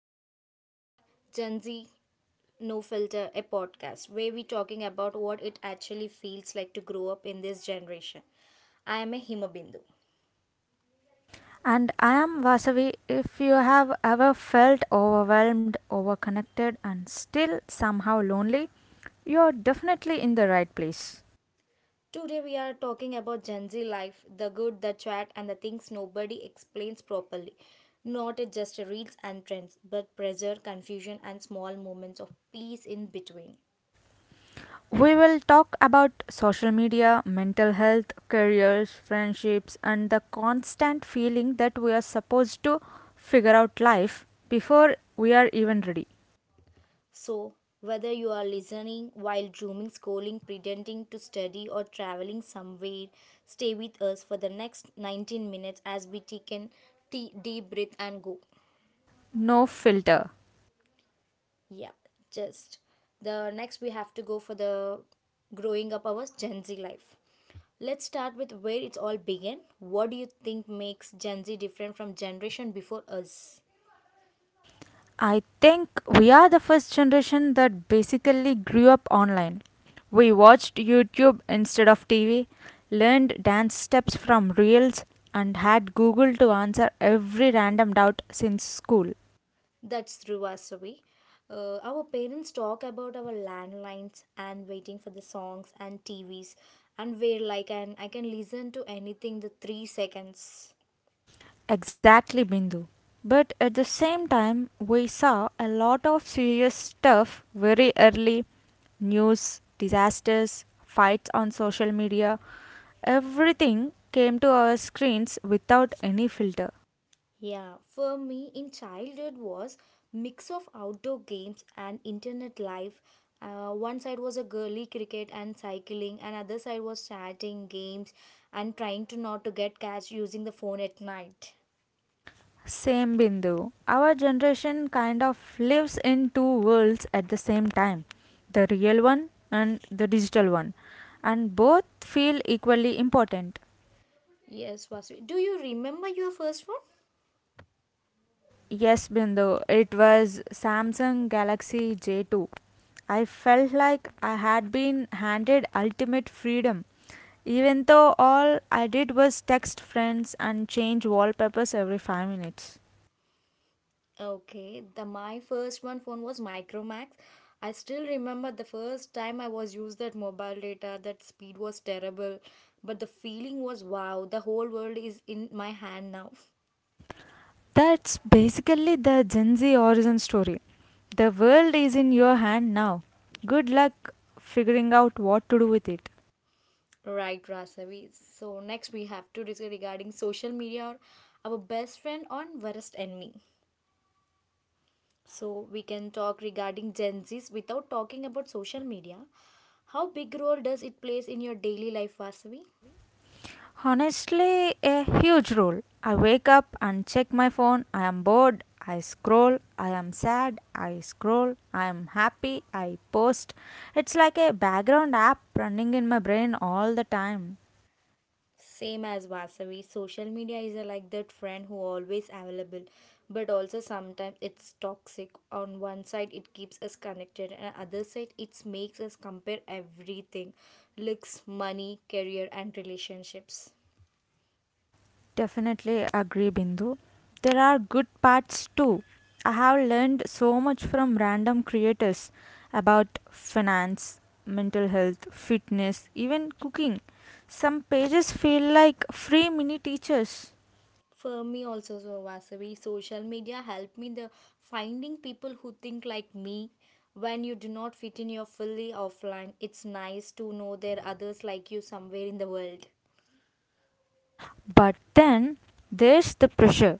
are listening today, Gen Z No Filter, a podcast where we talking about what it actually feels like to grow up in this generation. I am a Hima Bindu. And I am Vasavi. If you have ever felt overwhelmed, overconnected, and still somehow lonely, you're definitely in the right place. Today we are talking about Gen Z life, the good, the chat, and the things nobody explains properly. Not at just reels and trends, but pressure, confusion, and small moments of peace in between. We will talk about social media, mental health, careers, friendships, and the constant feeling that we are supposed to figure out life before we are even ready. So, whether you are listening while dreaming, scrolling, pretending to study, or traveling somewhere, stay with us for the next 19 minutes as we take a deep breath and go. No filter. Yeah, just the next we have to go for the growing up our Gen Z life. Let's start with where it all began. What do you think makes Gen Z different from generation before us? I think we are the first generation that basically grew up online. We watched YouTube instead of TV, learned dance steps from reels, and had Google to answer every random doubt since school. That's true, Vasavi. Our parents talk about our landlines and waiting for the songs and TVs, and where like and I can listen to anything the 3 seconds. Exactly, Bindu. But at the same time, we saw a lot of serious stuff very early news, disasters, fights on social media. Everything came to our screens without any filter. Yeah, for me in childhood was mix of outdoor games and internet life. One side was a girly cricket and cycling, and other side was chatting games and trying to not to get catch using the phone at night. Same Bindu. Our generation kind of lives in two worlds at the same time the real one and the digital one, and both feel equally important. Yes, Vasavi. Do you remember your first one? Yes, Bindu, it was Samsung Galaxy J2. I felt like I had been handed ultimate freedom, even though all I did was text friends and change wallpapers every 5 minutes. Okay, the my first one phone was Micromax. I still remember the first time I was used that mobile data. That speed was terrible, but the feeling was wow. The whole world is in my hand now. That's basically the Gen Z origin story. The world is in your hand now. Good luck figuring out what to do with it. Right, Rasavi. So next we have to discuss regarding social media or our best friend on worst enemy. So we can talk regarding Gen Z's without talking about social media. How big role does it plays in your daily life, Vasavi? Honestly, a huge role. I wake up and check my phone. I am bored. I scroll. I am sad. I scroll. I am happy. I post. It's like a background app running in my brain all the time. Same as Vasavi, social media is a like that friend who always available, but also sometimes it's toxic. On one side, it keeps us connected, and other side, it makes us compare everything, looks, money, career, and relationships. Definitely agree, Bindu. There are good parts too. I have learned so much from random creators about finance, mental health, fitness, even cooking. Some pages feel like free mini teachers. For me also, so Vasavi, social media helped me the finding people who think like me. When you do not fit in your fully offline, it's nice to know there are others like you somewhere in the world. But then there's the pressure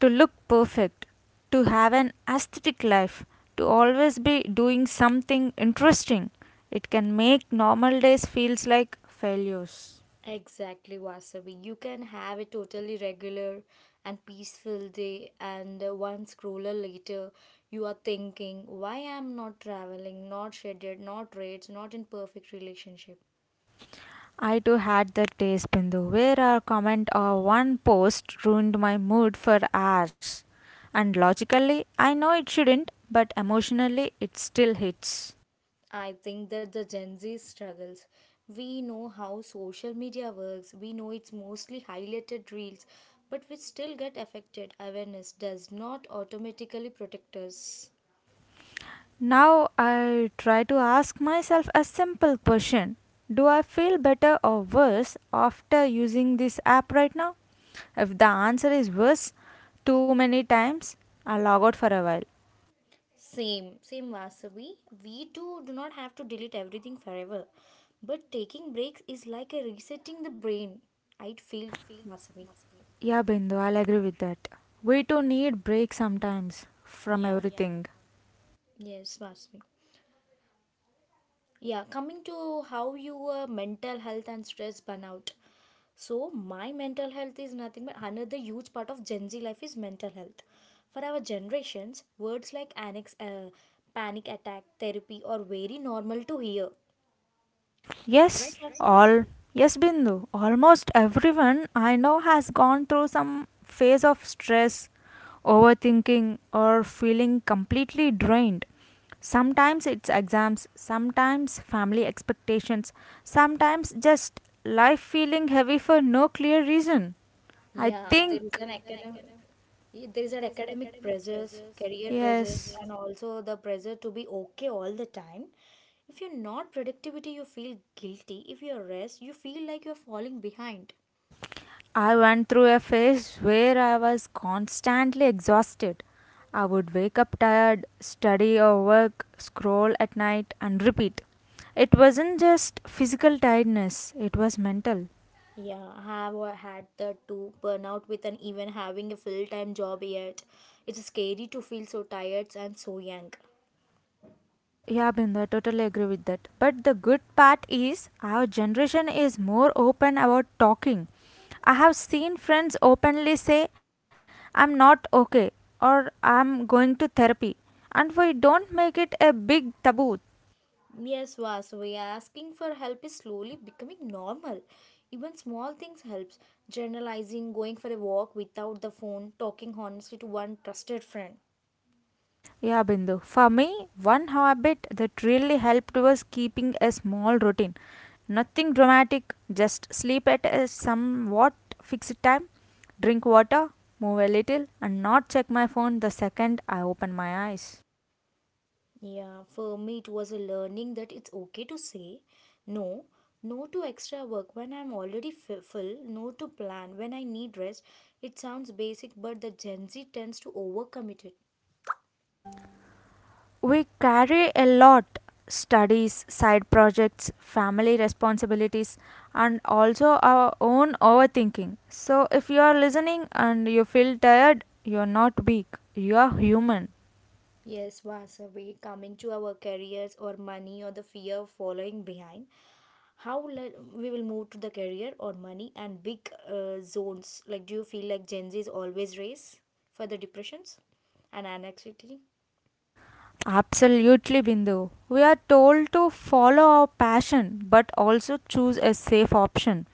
to look perfect, to have an aesthetic life, to always be doing something interesting. It can make normal days feels like failures. Exactly, Vasavi. You can have a totally regular and peaceful day, and one scroller later, you are thinking, why am not traveling, not scheduled, not rates, not in perfect relationship. I too had that taste, Bindu, where a comment or one post ruined my mood for hours. And logically, I know it shouldn't, but emotionally, it still hits. I think that the Gen Z struggles. We know how social media works. We know it's mostly highlighted reels, but we still get affected. Awareness does not automatically protect us. Now I try to ask myself a simple question: do I feel better or worse after using this app right now? If the answer is worse too many times, I'll log out for a while. Same Vasavi. We too do not have to delete everything forever. But taking breaks is like a resetting the brain. I feel Vasavi. Yeah, Bindu, I'll agree with that. We too need breaks sometimes from, yeah, Yeah. everything. Yes, Vasavi. Yeah, coming to how your mental health and stress burnout, so my mental health is nothing but another huge part of Gen Z life is mental health. For our generations, words like annex, panic attack, therapy are very normal to hear. Yes, all yes, Bindu. Almost everyone I know has gone through some phase of stress, overthinking, or feeling completely drained. Sometimes it's exams, sometimes family expectations, sometimes just life feeling heavy for no clear reason. I Yeah, there think, is an academic there is an academic pressures, career pressures, yes. and also the pressure to be okay all the time. If you're not productivity, you feel guilty. If you're rest, you feel like you're falling behind. I went through a phase where I was constantly exhausted. I would wake up tired, study or work, scroll at night, and repeat. It wasn't just physical tiredness, it was mental. Yeah, I have had that too. Burnout with an even having a full time job yet. It's scary to feel so tired and so young. Yeah, Bindu, I totally agree with that. But the good part is, our generation is more open about talking. I have seen friends openly say, I'm not okay, or I'm going to therapy. And we don't make it a big taboo. Yes, Vasavi, asking for help is slowly becoming normal. Even small things helps. Journalizing, going for a walk without the phone, talking honestly to one trusted friend. Yeah, Bindu. For me, one habit that really helped was keeping a small routine. Nothing dramatic, just sleep at a somewhat fixed time, drink water, move a little, and not check my phone the second I open my eyes. Yeah, for me it was a learning that it's okay to say no, no to extra work when I'm already full, no to plan when I need rest. It sounds basic, but the Gen Z tends to overcommit it. We carry a lot: studies, side projects, family responsibilities, and also our own overthinking. So, if you are listening and you feel tired, you are not weak, you are human. Yes, Vasavi, coming to our careers or money or the fear of following behind. How we will move to the career or money and big zones. Like, do you feel like Gen Z is always race for the depressions and anxiety? Absolutely, Bindu. We are told to follow our passion but also choose a safe option.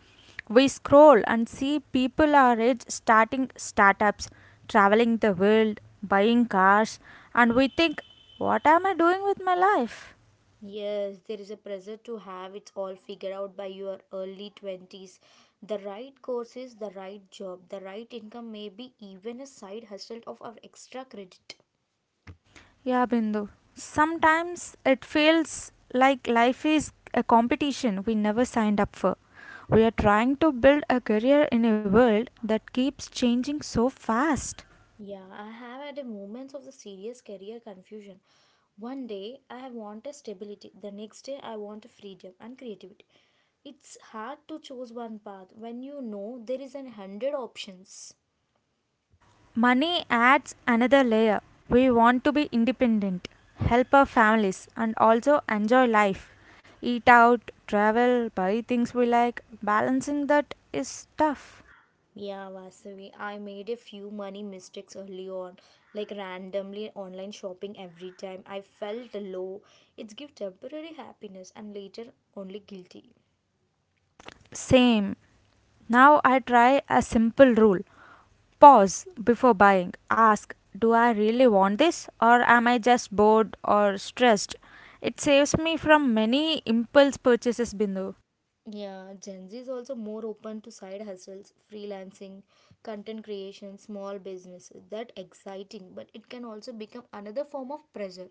We scroll and see people our age starting startups, traveling the world, buying cars, and we think, what am I doing with my life? Yes, there is a pressure to have it all figured out by your early 20s. The right courses, the right job, the right income, maybe even a side hustle of our extra credit. Yeah, Bindu. Sometimes it feels like life is a competition we never signed up for. We are trying to build a career in a world that keeps changing so fast. Yeah, I have had a moments of the serious career confusion. One day I want a stability, the next day I want a freedom and creativity. It's hard to choose one path when you know there is an hundred options. Money adds another layer. We want to be independent, help our families, and also enjoy life. Eat out, travel, buy things we like. Balancing that is tough. Yeah, Vasavi, I made a few money mistakes early on, like randomly online shopping every time. I felt low. It's give temporary happiness and later only guilty. Same. Now I try a simple rule: pause before buying. Ask, do I really want this, or am I just bored or stressed? It saves me from many impulse purchases, Bindu. Yeah, Gen Z is also more open to side hustles, freelancing, content creation, small businesses. That exciting, but it can also become another form of pressure.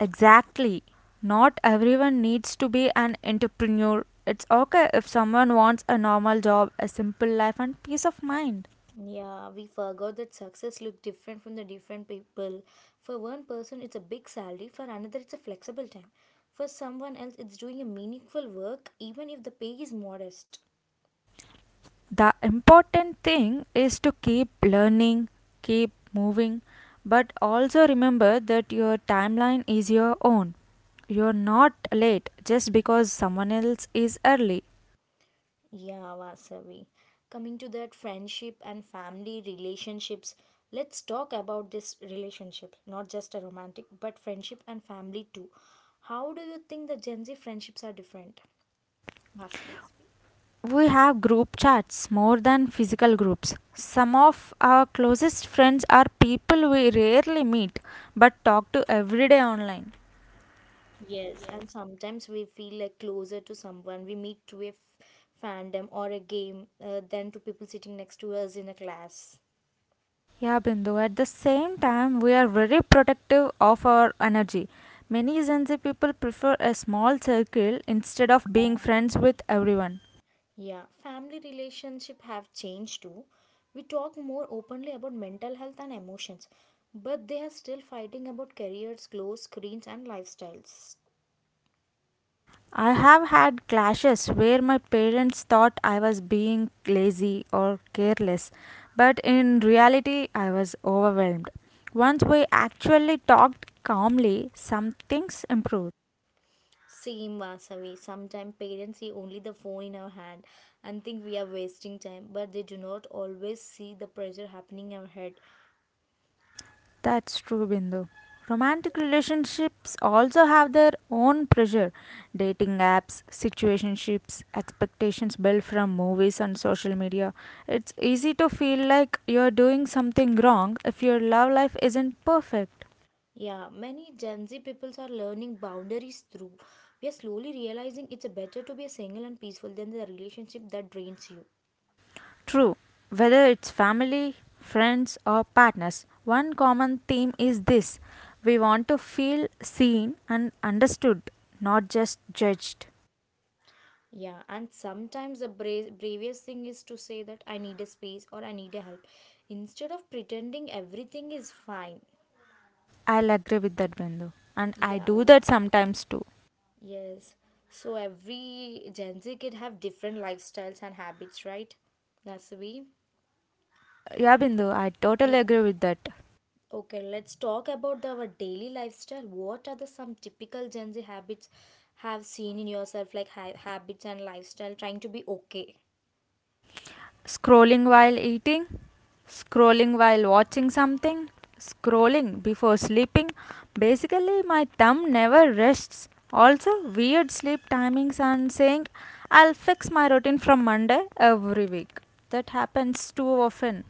Exactly. Not everyone needs to be an entrepreneur. It's okay if someone wants a normal job, a simple life, and peace of mind. Yeah, we forgot that success look different from the different people. For one person, it's a big salary. For another, it's a flexible time. For someone else, it's doing a meaningful work, even if the pay is modest. The important thing is to keep learning, keep moving, but also remember that your timeline is your own. You're not late just because someone else is early. Yeah, Vasavi. Coming to that friendship and family relationships, let's talk about this relationship, not just a romantic, but friendship and family too. How do you think the Gen Z friendships are different, Vasavi? We have group chats more than physical groups. Some of our closest friends are people we rarely meet but talk to every day online. Yes, and sometimes we feel like closer to someone we meet through a fandom or a game than to people sitting next to us in a class. Yeah, Bindu, at the same time, we are very protective of our energy. Many Gen Z people prefer a small circle instead of being friends with everyone. Yeah, family relationship have changed too. We talk more openly about mental health and emotions, but they are still fighting about careers, clothes, screens, and lifestyles. I have had clashes where my parents thought I was being lazy or careless, but in reality, I was overwhelmed. Once we actually talked calmly, some things improved. Same Vasavi. Sometimes parents see only the phone in our hand and think we are wasting time, but they do not always see the pressure happening in our head. That's true, Bindu. Romantic relationships also have their own pressure. Dating apps, situationships, expectations built from movies and social media. It's easy to feel like you're doing something wrong if your love life isn't perfect. Yeah, many Gen Z peoples are learning boundaries through. We are slowly realizing it's better to be single and peaceful than the relationship that drains you. True, whether it's family, friends, or partners, one common theme is this: we want to feel seen and understood, not just judged. Yeah, and sometimes the bravest thing is to say that I need a space or I need a help instead of pretending everything is fine. I'll agree with that, Bindu. And I Yeah, do that sometimes too. yes. So every Gen Z kid have different lifestyles and habits, right? Nasavi? Yeah, Bindu, I Yeah. totally agree with that. Okay, let's talk about our daily lifestyle. What are the some typical Gen Z habits have seen in yourself, like habits and lifestyle, trying to be okay? Scrolling while eating, scrolling while watching something, scrolling before sleeping. Basically, my thumb never rests. Also, weird sleep timings and saying, I'll fix my routine from Monday every week. That happens too often.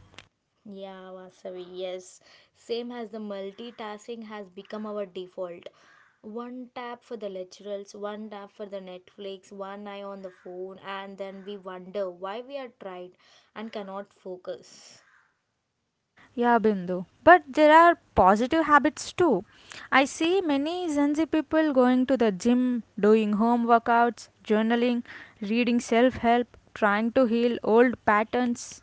Yeah, Vasavi, yes. Same as the multitasking has become our default. One tap for the lecturers, one tap for the Netflix, one eye on the phone, and then we wonder why we are tired and cannot focus. Yeah, Bindu. But there are positive habits too. I see many Gen Z people going to the gym, doing home workouts, journaling, reading self help, trying to heal old patterns.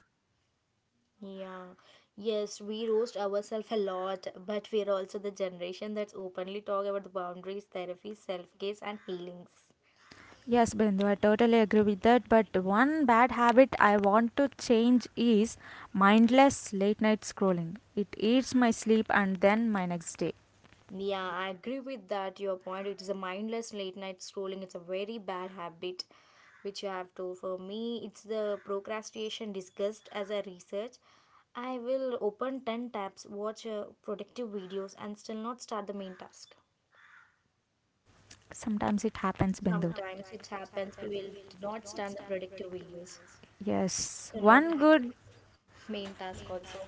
Yeah. Yes, we roast ourselves a lot, but we are also the generation that's openly talk about the boundaries, therapy, self-care, and healings. Yes, Bindu, I totally agree with that. But one bad habit I want to change is mindless late night scrolling. It eats my sleep and then my next day. Yeah, I agree with that. Your point. It is a mindless late night scrolling. It's a very bad habit which you have to. For me, it's the procrastination discussed as a research. I will open 10 tabs, watch productive videos, and still not start the main task. Sometimes it happens, Bindu. Sometimes it happens, we will do not start the productive videos, Yes, still not one good have main task also.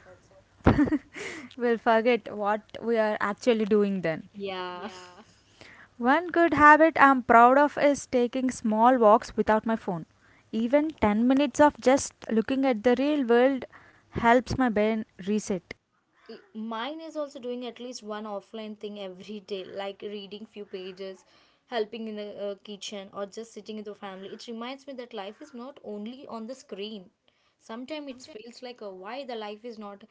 will forget what we are actually doing then. Yeah. One good habit I'm proud of is taking small walks without my phone. Even 10 minutes of just looking at the real world helps my brain reset. Mine is also doing at least one offline thing every day, like reading few pages, helping in the kitchen, or just sitting with the family. It reminds me that life is not only on the screen. Sometimes it feels like why the life is not,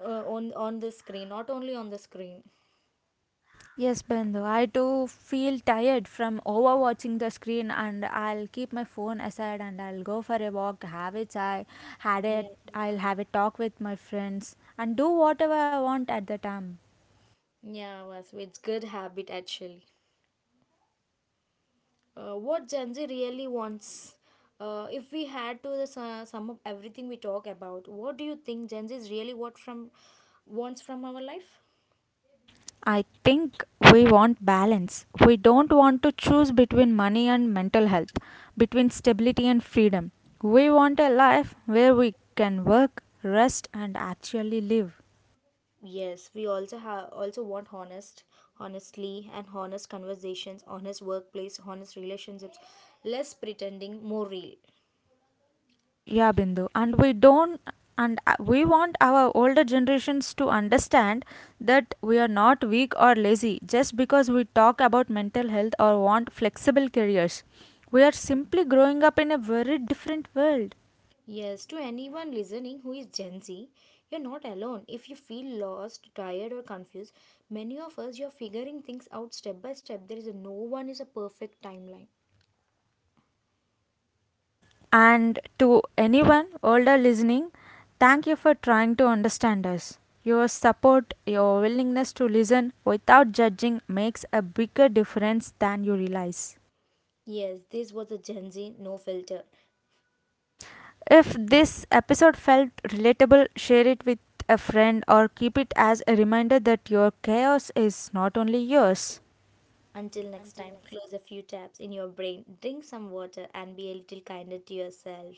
on the screen, not only on the screen. Yes, Bindu. I too feel tired from overwatching the screen, and I'll keep my phone aside and I'll go for a walk, have a chai, had a, Yeah, I'll have a talk with my friends, and do whatever I want at the time. yeah, was it's good habit actually. What Gen Z really wants. If we had to the sum up everything we talk about, what do you think Gen Z is really what from wants from our life? I think we want balance. We don't want to choose between money and mental health, between stability and freedom. We want a life where we can work, rest, and actually live. Yes, we also have also want honest conversations, honest workplace, honest relationships, less pretending, more real. Yeah, Bindu. And we don't, and we want our older generations to understand that we are not weak or lazy just because we talk about mental health or want flexible careers. We are simply growing up in a very different world. Yes, to anyone listening who is Gen Z, you're not alone. If you feel lost, tired, or confused, many of us you're figuring things out step by step. There is no one is a perfect timeline. And to anyone older listening, thank you for trying to understand us. Your support, your willingness to listen without judging makes a bigger difference than you realize. Yes, this was a Gen Z no filter. If this episode felt relatable, share it with a friend or keep it as a reminder that your chaos is not only yours. Until next time, close a few tabs in your brain, drink some water, and be a little kinder to yourself.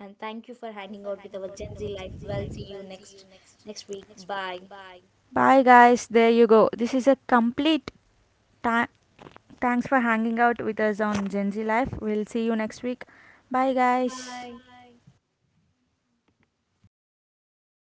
And thank you for hanging out with our Gen Z life. Well, see you next week. Bye. Bye, guys. There you go. This is a complete time. Thanks for hanging out with us on Gen Z Life. We'll see you next week. Bye, guys. Bye.